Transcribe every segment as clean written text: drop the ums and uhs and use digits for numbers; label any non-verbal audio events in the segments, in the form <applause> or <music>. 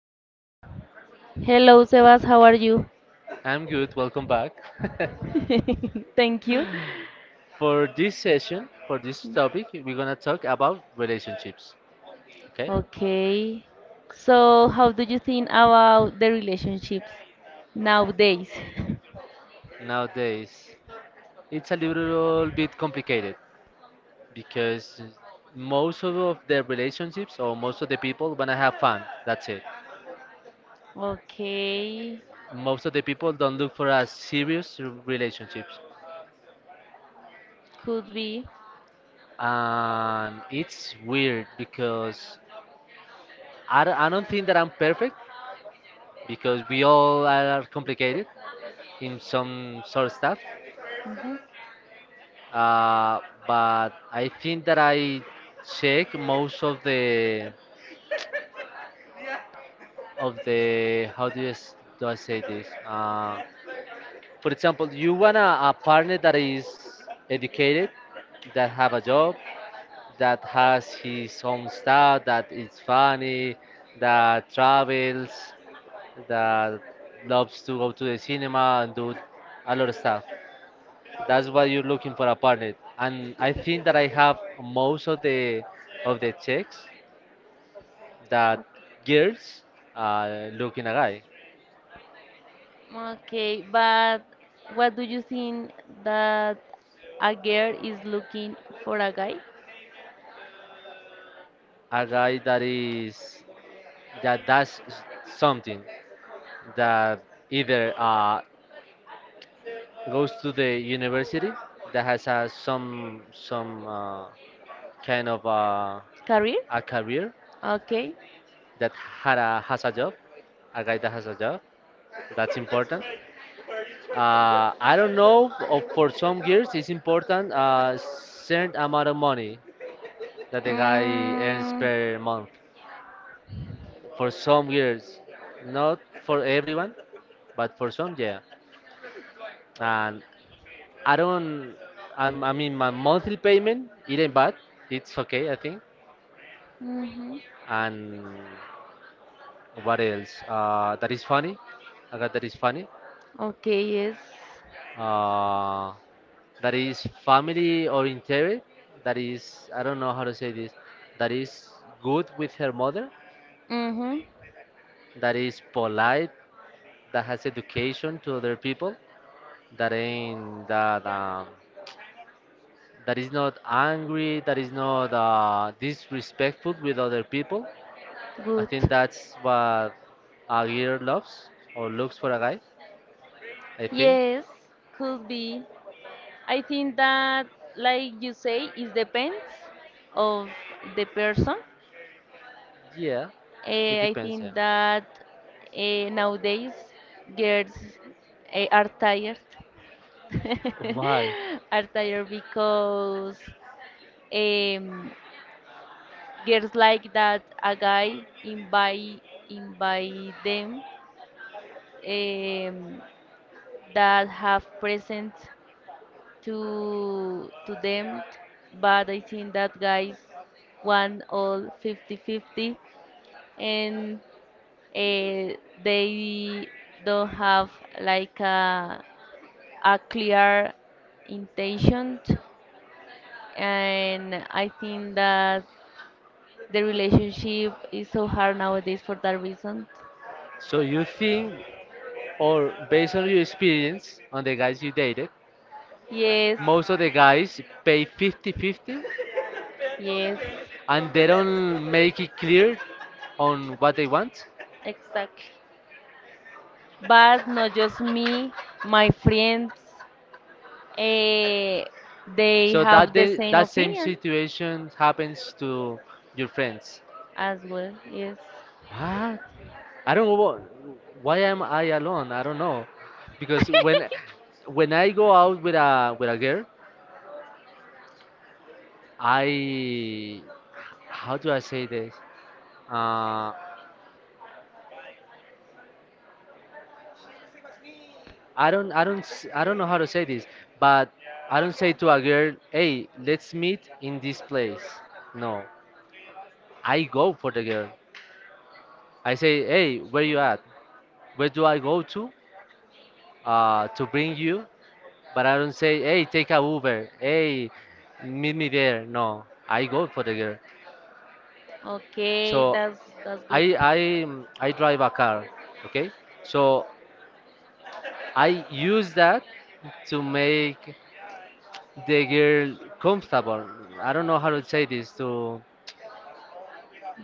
Hello. Hello, Sebas. How are you? I'm good. Welcome back. <laughs> <laughs> Thank you. For this session, for this topic, we're gonna talk about relationships. Okay? Okay. So, how do you think about the relationships nowadays? <laughs> Nowadays, it's a little bit complicated because most of the relationships or most of the people wanna have fun. That's it. Okay. Most of the people don't look for a serious relationships, Could be. and it's weird because I don't think that I'm perfect because we all are complicated in some sort of stuff. Hmm. Uh, but I think that I check most of the how do you do I say this? For example, you want a partner that is educated, that have a job, that has his own style, that is funny, that travels, that loves to go to the cinema and do a lot of stuff. That's why you're looking for a partner. And I think that I have most of the checks that Okay. girls look in a guy. Okay, but what do you think that a girl is looking for a guy? A guy that is that something that either goes to the university that has some kind of Career? a career Okay. that has a job, a guy that has a job. That's important. I don't know. For some years, it's important a certain amount of money that the guy earns Mm, per month. For some years, not for everyone, but for some, yeah. And I don't. I mean, my monthly payment it ain't bad. It's okay, I think. hmm. And what else? That is funny. I got that is funny. Okay, yes. uh, that is family oriented, that is, I don't know how to say this, that is good with her mother, Mm-hmm. that is polite, that has education to other people, that ain't that um, that is not angry, that is not disrespectful with other people. I Good. think that's what a girl loves or looks for a guy. I think, Yes, could be. I think that, like you say, it depends of the person. yeah, it I depends. Yeah. think that nowadays girls are tired, Why? <laughs> are tired because um, girls like that a guy invite them um, that have present to them, but I think that guys won all 50-50, and uh, they don't have like a clear intention, and I think that the relationship is so hard nowadays for that reason. So you think? Or based on your experience, on the guys you dated, Yes, most of the guys pay fifty-fifty, yes, and they don't make it clear on what they want. exactly. But not just me, my friends. Eh, they So have the same that same opinion situation happens to your friends. as well. Yes. What? I don't know what, why am I alone? I don't know. Because when <laughs> when I go out with a girl, I how do I say this? Uh, I don't know how to say this, but I don't say to a girl, "Hey, let's meet in this place." No, I go for the girl. I say, "Hey, where you at? Where do I go to? To bring you?" But I don't say, "Hey, take a Uber. Hey, meet me there." No, I go for the girl. Okay, So that's I good. I mm, I drive a car, okay? So I use that to make the girl comfortable. I don't know how to say this to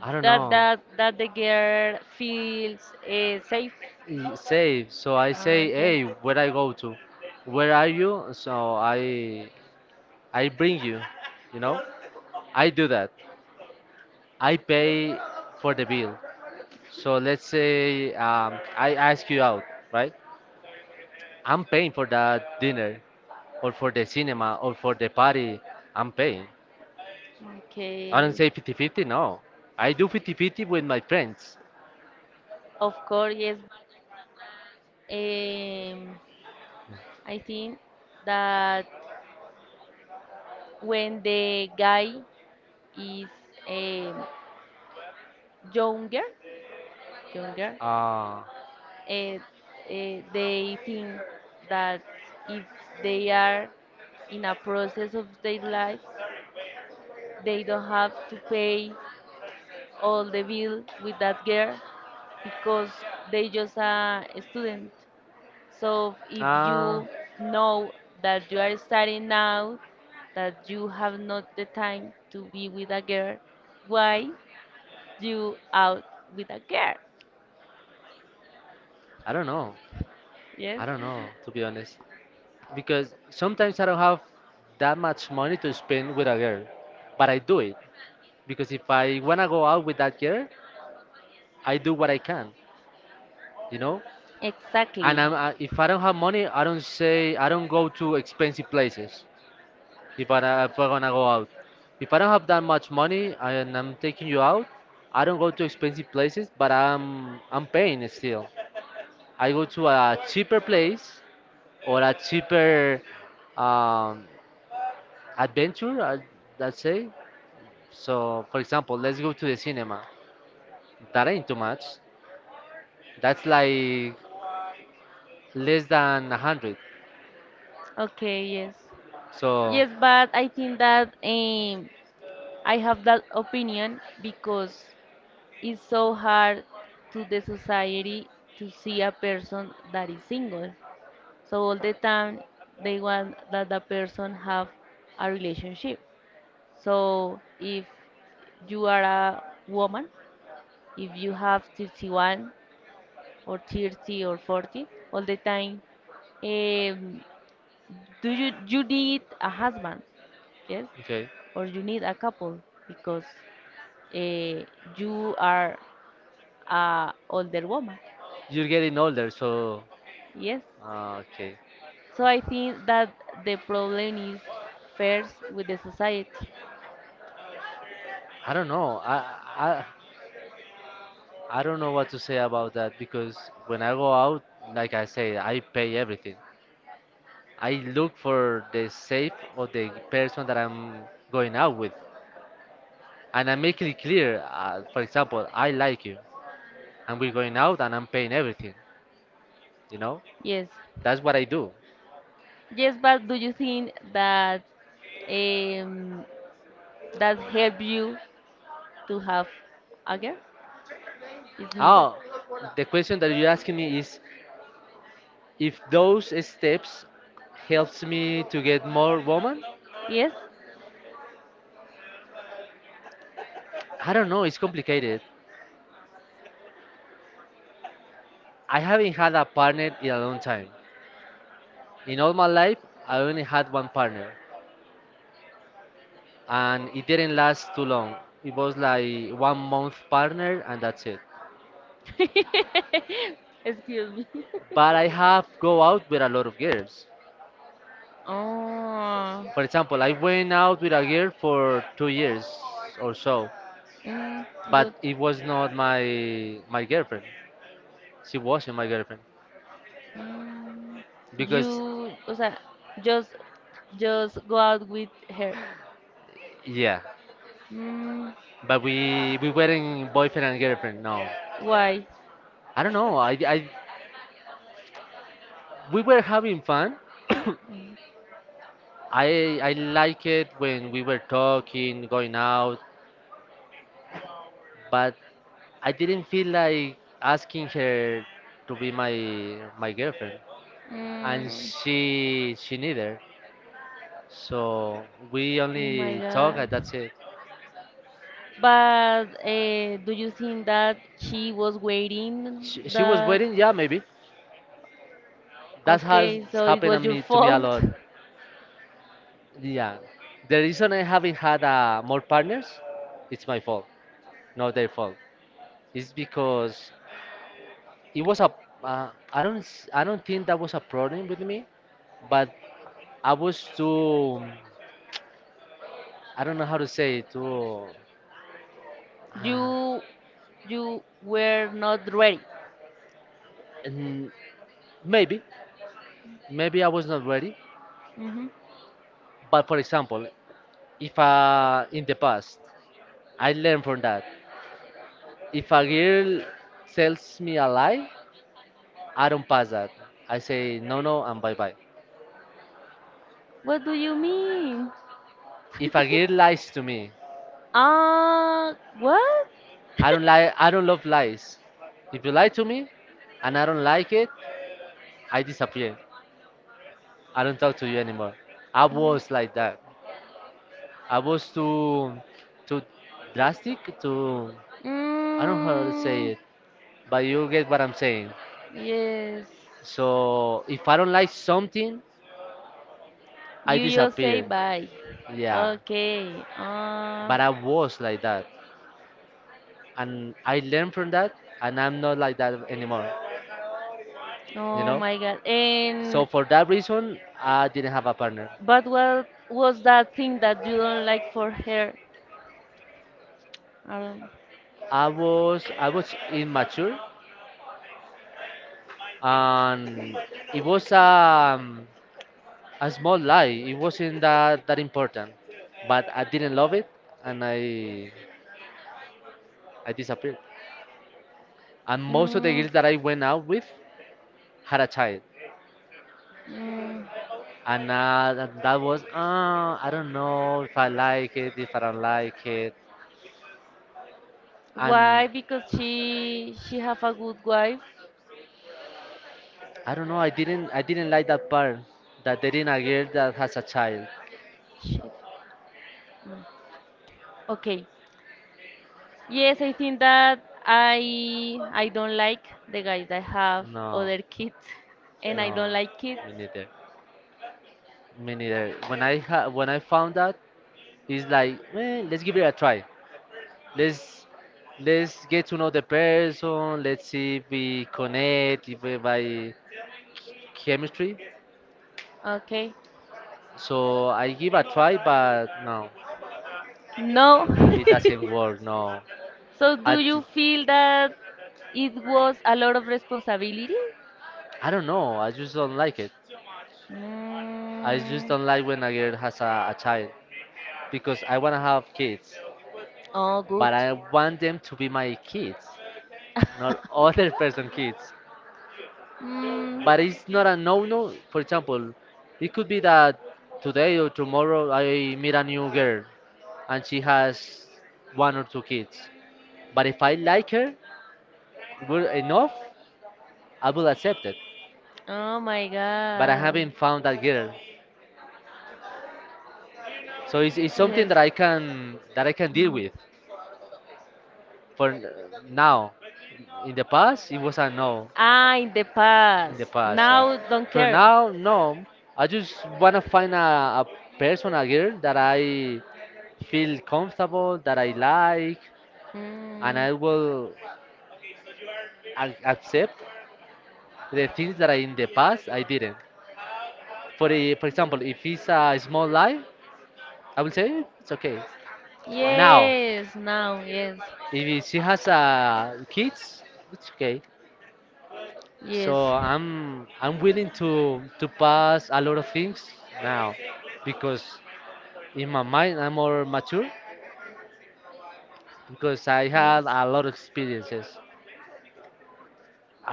I don't That know that that the girl feels safe. Say. So I say, Okay. hey, where I go to? Where are you? So I bring you. You know, I do that. I pay for the bill. So let's say I ask you out, right? I'm paying for that dinner or for the cinema or for the party, I'm paying. I don't Okay. say fifty-fifty. No. I do fifty-fifty with my friends. Of course, yes. Um, I think that when the guy is um, younger, younger, Uh, uh, uh, they think that if they are in a process of their lives, they don't have to pay all the bill with that girl because they just a student. So if Uh, you know that you are starting now, that you have not the time to be with a girl, why you out with a girl? I don't know. Yes, I don't know, to be honest. Because sometimes I don't have that much money to spend with a girl, but I do it. Because if I wanna go out with that girl, I do what I can, you know? And exactly. If I don't have money, I don't go to expensive places if I wanna go out. If I don't have that much money and I'm taking you out, I don't go to expensive places, but I'm paying still. I go to a cheaper place or a cheaper um, adventure, I'd say. So, for example, let's go to the cinema. That ain't too much. That's like less than a hundred. Okay, yes. So, Yes, but I think that I have that opinion because it's so hard to the society to see a person that is single. So all the time they want that the person have a relationship. So if you are a woman, if you have 31 or 30 or 40, all the time, um, do you need a husband, yes, okay, or you need a couple because uh, you are a older woman, you're getting older. So, yes. Okay, So I think that the problem is first with the society. I don't know. I I don't know what to say about that because when I go out, like I say, I pay everything. I look for the safe or the person that I'm going out with. And I make it clear. For example, I like you, and we're going out, and I'm paying everything. You know, Yes. that's what I do. Yes, but do you think that um, that help you to have a girl? It's me. Oh, the question that you're asking me is if those steps helps me to get more woman. Yes? I don't know. It's complicated. I haven't had a partner in a long time. In all my life, I only had one partner, and it didn't last too long. It was like one month partner, and that's it. <laughs> Excuse me. <laughs> But I have go out with a lot of girls. Oh. For example, I went out with a girl for 2 years or so, Mm, but good. it was not my girlfriend. She wasn't my girlfriend Mm, because you, o sea, just, go out with her. yeah, Mm, but we weren't boyfriend and girlfriend. No, why? I don't know. I we were having fun. <coughs> Mm, I like it when we were talking, going out, but I didn't feel like asking her to be my girlfriend, and mm, she neither. So we oh my only talk, God. and that's it. But do you think that she was waiting She was the— waiting, yeah, maybe. That has okay, so it happened to was your me, a fault. lot. <laughs> Yeah. The reason I haven't had more partners, it's my fault, not their fault. It's because it I don't, I don't think that was a problem with me, but I was too, I don't know how to say it, too, uh, You you were not ready. n- maybe, maybe I was not ready. Hmm. But for example, if in the past I learned from that. If a girl tells me a lie, I don't pass that. I say no, no, and bye bye. What do you mean? If a girl lies to me, Uh, what? <laughs> I don't lie. I don't love lies. If you lie to me, and I don't like it, I disappear. I don't talk to you anymore. I was like that. I was too drastic. Too, I don't know how to say Mm, it, but you get what I'm saying. yes. So if I don't like something, I You just say disappear. bye. Yeah, Okay. Uh, but I was like that. And I learned from that, and I'm not like that anymore, you oh know. my God. So And for that reason, I didn't have a partner. But what was that thing that you don't like for her? Um, I was immature, and it was a small lie. It wasn't that important, but I didn't love it, and I disappeared. And most of the mm, girls that I went out with had a child, mm, and that that was I don't know if I like it, if I don't like it, and why? Because she have a good wife. I don't know. I didn't like that part. That dating a girl that has a child. Shit. Okay. Yes, I think that I don't like the guys that have No, other kids, and I no, don't like kids. me neither. Me neither. When when I found out, it's like, eh, let's give it a try. Let's let's get to know the person. Let's see if we connect, if we by chemistry. Okay. So I give a try, but no, No. it doesn't work. No, <laughs> So do I d- you feel that it was a lot of responsibility? I don't know. I just don't like it. I just Mm, don't like when a girl has a child. Because I want to have kids, oh, good. but I want them to be my kids, not other <laughs> person kids. <laughs> Mm. But it's not a no-no. For example, it could be that today or tomorrow I meet a new girl and she has one or two kids. But if I like her good enough, I will accept it. Oh my But I god. haven't found that girl, so it's something Yes. That I can deal Mhm. with. For now, in the past, it was a no. Ah, in the In the past. past. Yeah. Now don't For care. now, no. I just wanna find a person, a girl that I feel comfortable, that I like, and Mm. I will ac accept the things that I in the past I didn't. For example, if it's a small lie, I will say it's okay. Now, Yes, now, yes. if she has kids, it's okay. Yes, So I'm willing to pass a lot of things now because in my mind I'm more mature because I had yes. a lot of experiences.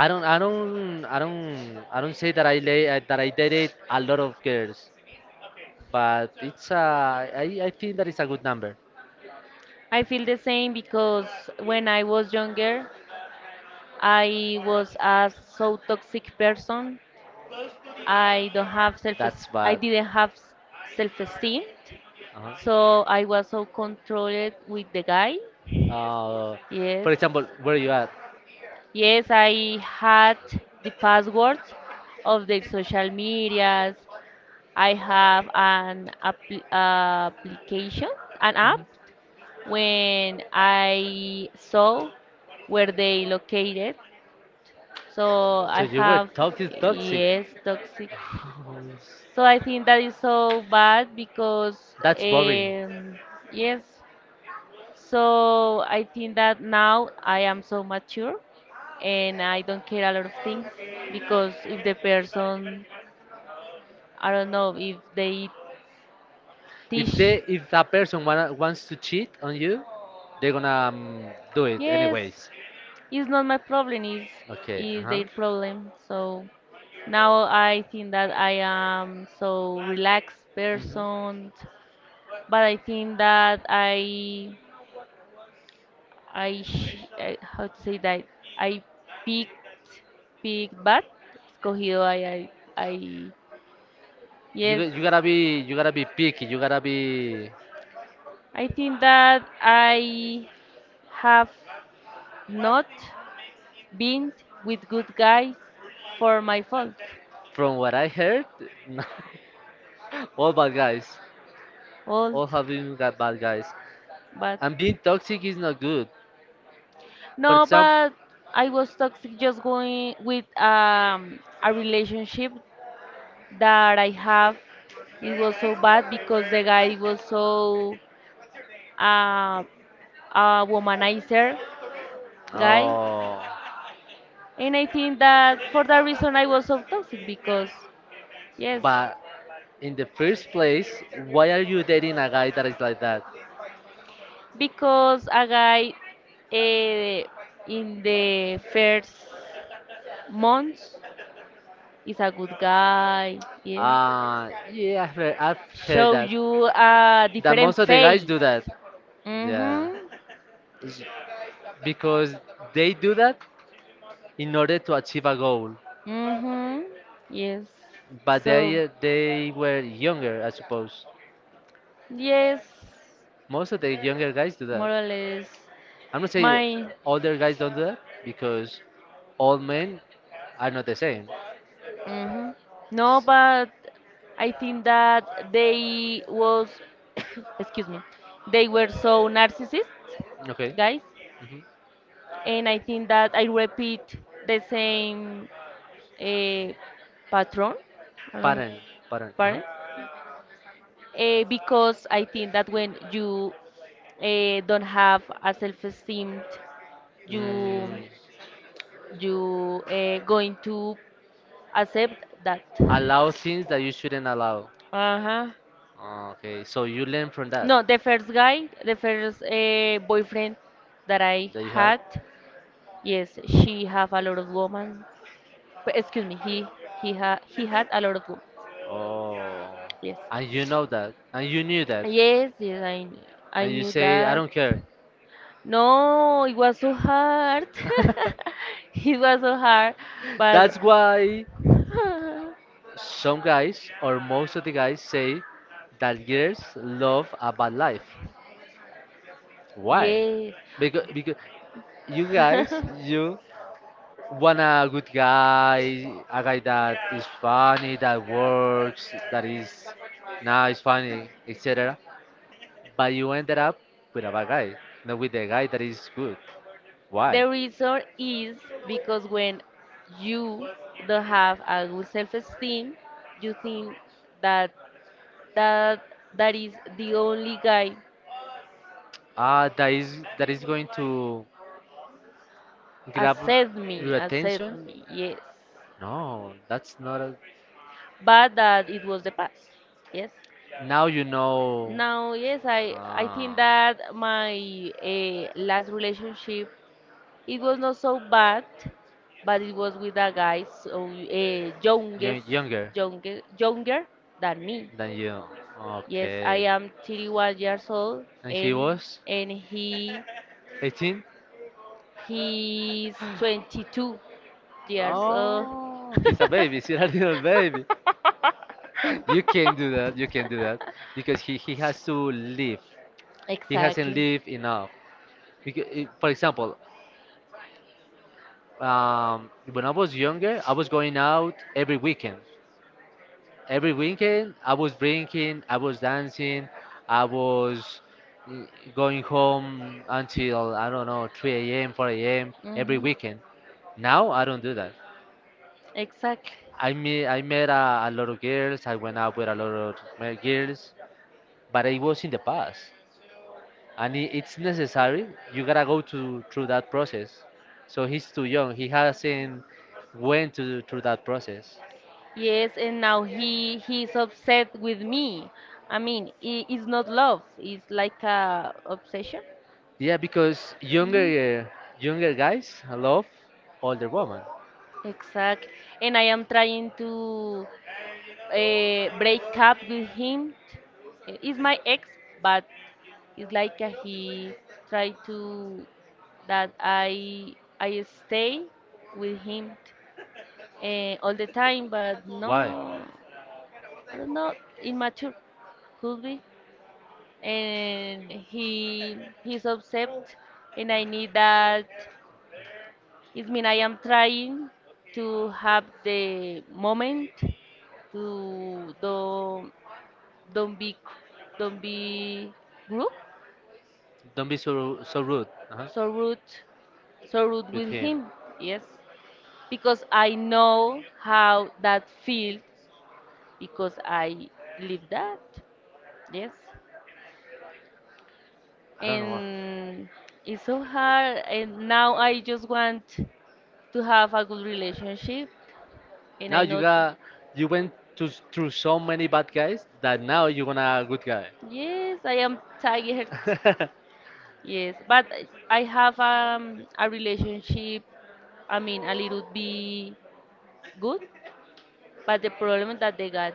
I don't say that that I dated a lot of girls, but it's I think that is a good number. I feel the same because when I was younger, I was a so toxic person. I don't have self That's I bad. didn't have self-esteem. Uh-huh. So I was so controlled with the guy. Uh, Yes. for example, where you at? Yes, I had the passwords of their social medias. I have an application, an app, Mhm. when I saw where they located. So I So you were have, talking toxic. yes, toxic. <laughs> So I think that is so bad because, That's boring. Yes. So I think that now I am so mature and I don't care a lot of things because if the person, I don't know, if they If teach, they if a person wants to cheat on you, they're gonna do it yes, anyways. it's not my problem, it's, Okay. Uh it's huh. their problem. So now I think that I am so relaxed Hmm. person, but I think that I how to say that I picked picked bad, escogido, I You yes, got- you gotta be you gotta be picky. You gotta be. I think that I have not been with good guys for my fault. From what I heard, <laughs> no, all bad guys. Old. All have been got bad guys, But and being toxic is not good. For no, example, but I was toxic just going with a relationship that I have, it was so bad because the guy was so uh a womanizer guy. oh, And I think that for that reason I was so toxic because, yes, but in the first place, why are you dating a guy that is like that? because a guy, eh, in the first months is a good guy, yeah, Yeah, I've heard show that. you a That different most of the guys face. do that. Yeah, Mm-hmm. it's because they do that in order to achieve a goal. Mm-hmm. Yes. But So, they were younger, I suppose. yes, Most of the younger guys do more that. or less, I'm not saying my— older guys don't do that because all men are not the same. hmm. No, but I think that they was, <coughs> excuse me, they were so narcissists, Okay. guys, hmm and I think that I repeat the same uh, pattern, I don't know, Pattern, pattern. pattern, because I think that when you don't have a self-esteem, you Mm, you going to accept that. allow things that you shouldn't allow. Uh huh. Okay, so you learn from that, No, the first guy, the first boyfriend that I that you had. had, yes, she have a lot of women. But excuse me, he had a lot of women. Oh, Yes, and you know that, and you knew that, yes, yes. I and you knew say, I that. don't care. No, it was so hard. <laughs> <laughs> It was so hard, but That's why. <laughs> Some guys, or most of the guys, say that girls love a bad life. Why? yes. Because you guys, <laughs> you want a good guy, a guy that is funny, that works, that is nice, funny, etc. But you ended up with a bad guy, not with a guy that is good. Why? The reason is because when you don't have a good self-esteem, you think that that that is the only guy Ah, that is going to grab your accept attention? me, yes. No, that's not a. But that it was the past, yes. Now you know. Now, yes, I Ah, think that my last relationship it was not so bad, but it was with a guy so young, younger younger than me. than you. Yes, I Okay. am 31 years old And he and was and he 18? he's 22 years old. Oh, he's a baby. <laughs> He's a little baby. <laughs> You can't do that because he has to live. He hasn't Exactly. lived enough. Because, for example, when I was younger, I was going out every weekend. Every weekend, I was drinking, I was dancing, I was mm, going home until, I don't know, 3 a.m., 4 a.m. every Hmm. weekend. Now, I don't do that. Exactly. I met a lot of girls, I went out with a lot of girls, but it was in the past. And I it's necessary, you gotta go to, through that process. So he's too young, he hasn't went to, through that process. Yes, and now he's upset with me. I mean, it's not love. It's like a obsession. Yeah, because Mhm. Younger guys love older women. Exact. And I am trying to break up with him. He's my ex, but it's like he tried to that I stay with him all the time, but Why? no, I don't know, immature could be, and he's upset, and I need that. It means I am trying to have the moment to don't be don't be rude, Don't be so rude so rude, so rude with with him. him. Yes, because I know how that feels because I live that. Yes, I don't know. and it's so hard. And now I just want to have a good relationship, and Now I you know. got, you went to through so many bad guys that now you're gonna a good guy. Yes, I am tired. <laughs> Yes, but I have a relationship, I mean, a little bit good, but the problem that they got,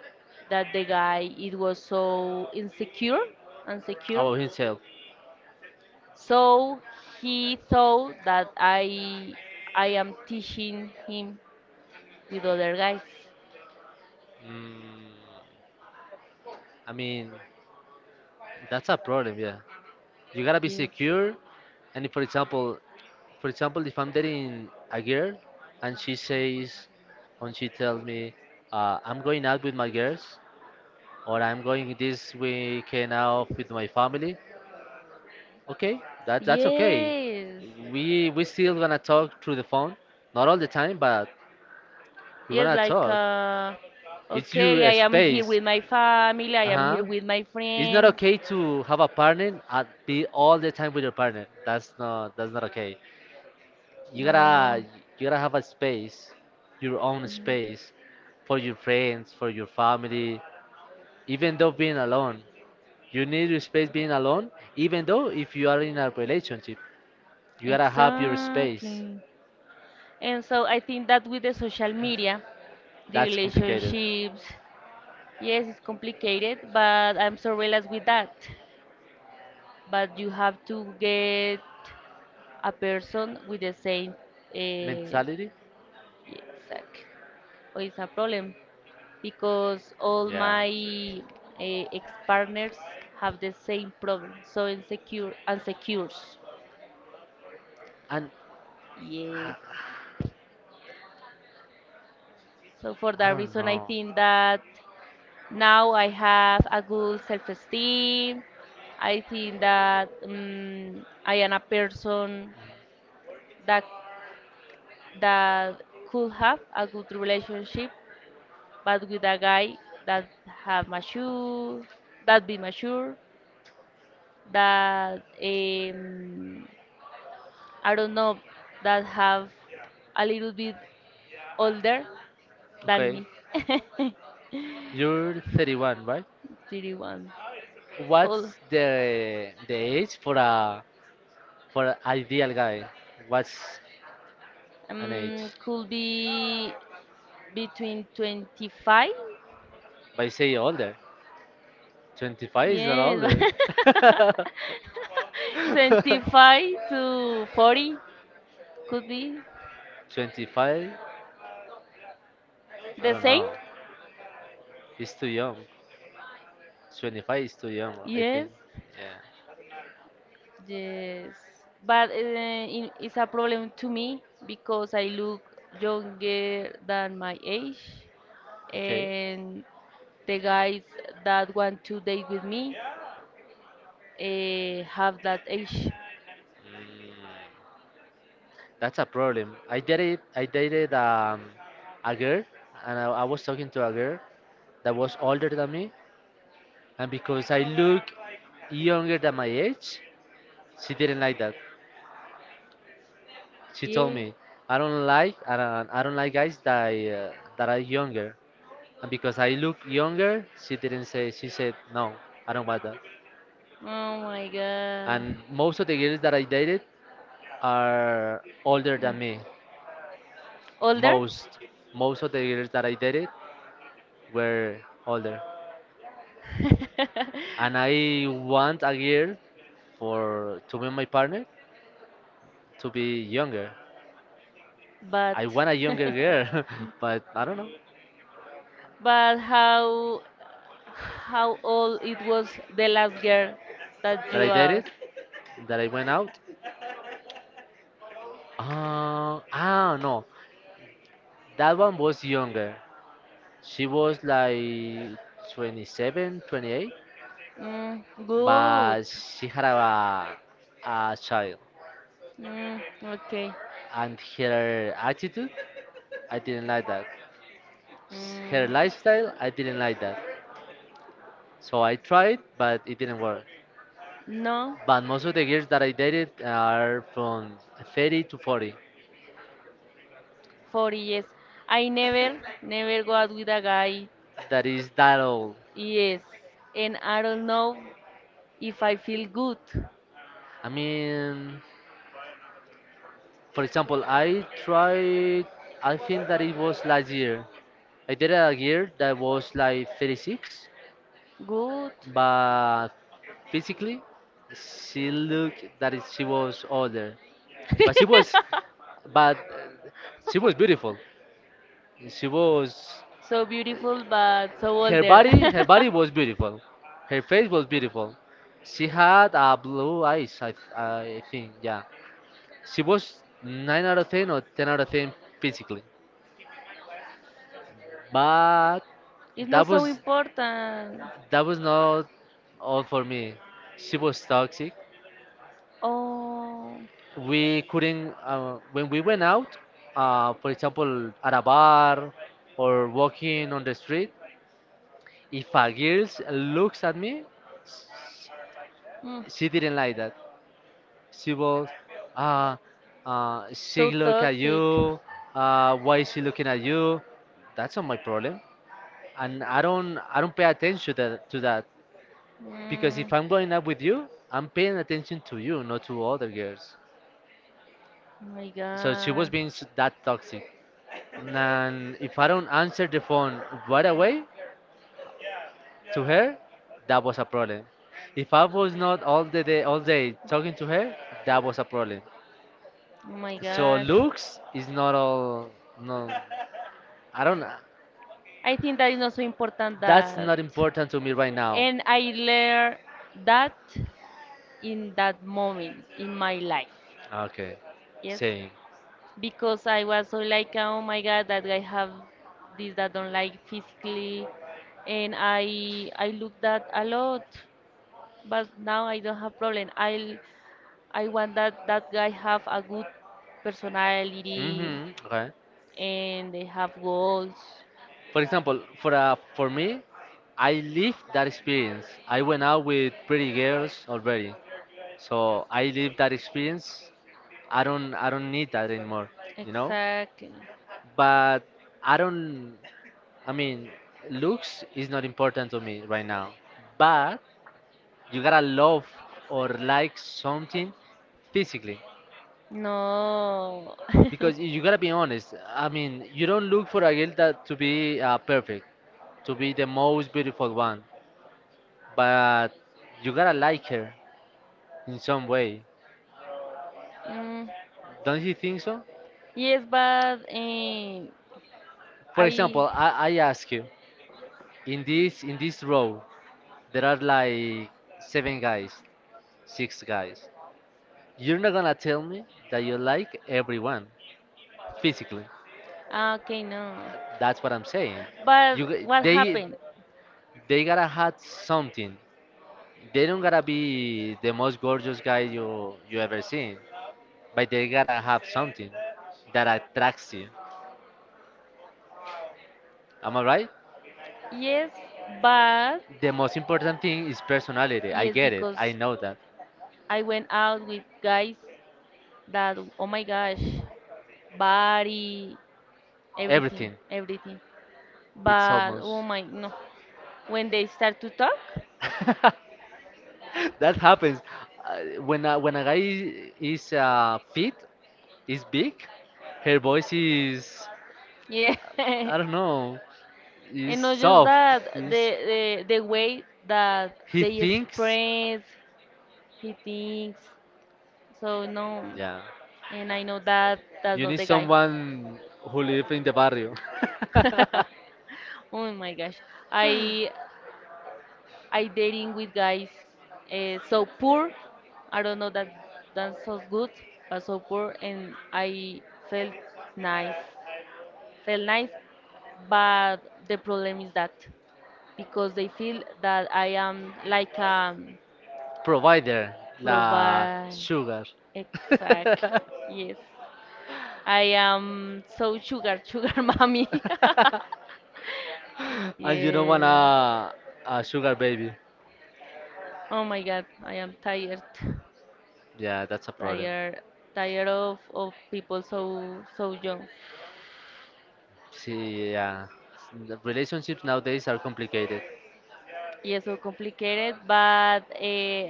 that the guy, it was so insecure, insecure. About himself. So he thought that I am teaching him with other guys. Mm, I mean, that's a problem. Yeah, you gotta be Yes. secure. And if, for example, for example, if I'm dating a girl and she says, and she tells me, I'm going out with my girls, or I'm going this weekend out with my family, okay, that, that's okay. Yes. We still gonna talk through the phone, not all the time, but we're Yes, gonna like, talk. It's okay, your I am here space. with my family, I am Uh-huh. here with my It's not friend. okay to have a partner and be all the time with your partner. That's not okay. you No, no, no. gotta you gotta have a space, your own Mm-hmm. space, for your friends, for your family. Even though being alone, you need your space being alone, even though if you are in a relationship, you gotta have your space. Exactly. And so I think that with the social media, the That's complicated. relationships, yes, it's complicated, but I'm so realized with that. But you have to get a person with the same, uh, Mentality, exactly, or it's a problem because all yeah. my ex-partners have the same problem, so insecure, unsecures. And i, Yes. So for I that don't reason, I know. think that. Now I have a good self esteem. I think that I am a person that that could have a good relationship, but with a guy that have mature, that be mature, that I don't know, that have a little bit older than Okay, me, you're 31, right? 31. What's All the age for a, for an ideal guy? What's an age? Could be between 25. But you say older. 25 is Yes, older. <laughs> <laughs> 25 to 40 could be 25? I the don't same. know. He's too young. 25 is too young, I Yes, think. Yeah. yes. But it's a problem to me because I look younger than my age, Okay. and the guys that want to date with me have that age. Mm, that's a problem. I dated a girl, and I was talking to a girl that was older than me, and because I look younger than my age, she didn't like that. She told Yeah. me, I don't like guys that that are younger." And because I look younger, she didn't say, she said, no, I don't want that. Oh my God. And most of the girls that I dated are older Mm. than me. Older, Most, most of the girls that I dated were older. And <laughs> I want a girl, for to be my partner, to be younger. I but want a younger <laughs> girl, <laughs> but I don't know, But how old it was the last girl that that you I are? dated, that I went out. No, that one was younger. She was like 27, 28, Mm, good. but she had a child. Mm, okay. And her attitude, I didn't like that. Her Mm, lifestyle, I didn't like that. So I tried, but it didn't work. no, But most of the girls that I dated are from 30 to 40. 40 years. I never, never go out with a guy. That is that old. Yes. And I don't know if I feel good. I mean, for example, I tried, I think that it was last year. I dated a girl that was like 36, Good. but physically she looked that she was older, but she was, but she was beautiful, she was, So beautiful, but so older. Her body <laughs> was beautiful, her face was beautiful, she had blue eyes, I think. Yeah, she was 9 out of 10 or 10 out of 10 physically. But It's not that so was, important. that was not all for me. She was toxic. Oh. We couldn't, when we went out, for example, at a bar or walking on the street, if a girl looks at me, Mm. she didn't like that. She was, uh, So she look at toxic. you. Why is she looking at you? That's not my problem, and I don't pay attention to that. Because if Mm, I'm going out with you, I'm paying attention to you, not to other girls. oh my So she was god. being that toxic. And if I don't answer the phone right away to her, that was a problem. If I was not all day talking to her, that was a problem. Oh my So gosh. looks is not all. No, I don't. I think that is not so important That's that. not important to me right now. And I learned that in that moment in my life. Okay, Yes. same. Because I was so like, oh my god, that I have this that don't like physically. And I looked that a lot. But now I don't have problem. I want that that guy have a good personality Mhm. Okay. and they have goals. For example, for me, I lived that experience. I went out with pretty girls already, so I lived that experience. I don't need that anymore, you know. Exactly. But I don't. I mean, looks is not important to me right now. But you gotta love or like something physically, No. because <laughs> you gotta be honest. I mean, you don't look for a girl that to be perfect, to be the most beautiful one. But you gotta like her in some way. Mm, Don't you think so? yes, but For I. example, I ask you, in this row there are like 7 guys, 6 guys. You're not gonna tell me that you like everyone physically. Okay, no. That's what I'm saying. You But g- what they happened? they gotta have something. They don't gotta be the most gorgeous guy you ever seen, but they gotta have something that attracts you. Am I right? Yes, but The most important thing is personality. I yes, get it. I because know that. I went out with guys that, oh my gosh, body, everything, Everything. everything. It's But oh almost. my, no. When they start to talk. <laughs> That happens. When, when a guy is fit, is big, her voice is. Yeah, <laughs> and I don't know. Is not just soft. that, Is. The way that He they thinks. express he thinks. So no, Yeah. and I know that that's You not need the guy. someone who live in the barrio. <laughs> <laughs> Oh my gosh, I I dating with guys so poor. I don't know that that's so good, but so poor, and I felt nice, felt nice, but the problem is that, because they feel that I am like a Provider. La provide. sugar. Exact. Yes. I am so sugar, sugar <laughs> mommy. <laughs> <laughs> And you don't want Yeah. A sugar baby. Oh my God, I am tired, Yeah, that's a problem. tired, tired of people so so young. See, yeah. The relationships nowadays are complicated. Yeah, so complicated, but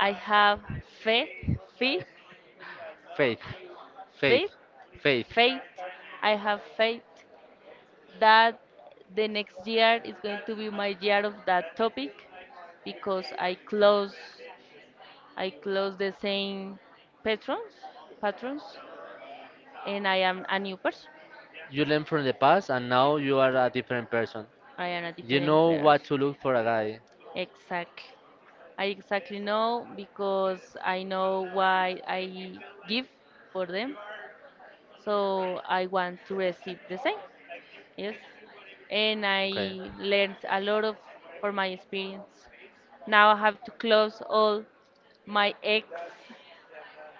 I have faith, faith, Faith, faith, faith, faith. faith. I have faith that the next year is going to be my year of that topic because I close the same patrons patrons, and I am a new person. You learn from the past and now you are a different person. I am a You different know person. what to look for a guy. Exactly. I exactly know because I know why I give for them. So I want to receive the same. Yes, and I Okay. learned a lot of for my experience. Now I have to close all my ex,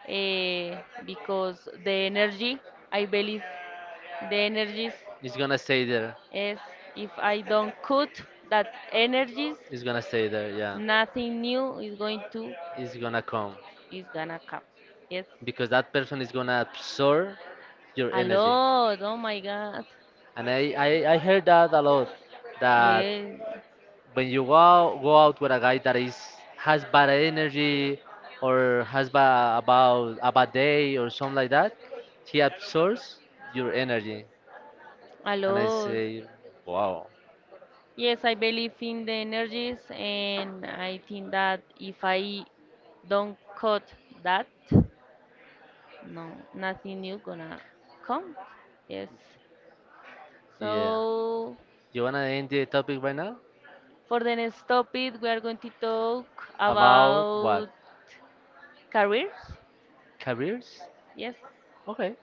eh, because the energy, I believe the energies It's gonna stay there. is, if I don't cut that energies, It's gonna stay there, yeah. nothing new is going to It's gonna come. is gonna come. Yes. Because that person is gonna absorb your A energy. lot. Oh my god. And I heard that a lot. That Yes, when you go out with a guy that is has bad energy or has ba- about a bad day or something like that, he absorbs your energy. a And I lot. say, wow, Yes, I believe in the energies, and I think that if I don't cut that, no, nothing new gonna come. Yes. yeah. So You wanna end the topic right now for the next topic, we are going to talk about what? about careers. Careers? Yes. Okay,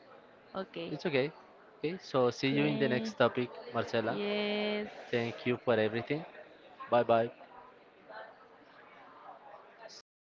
Okay. it's okay. Okay, so see you in the Okay. next topic, Marcela. Yes. Thank you for everything. Bye bye. Stop.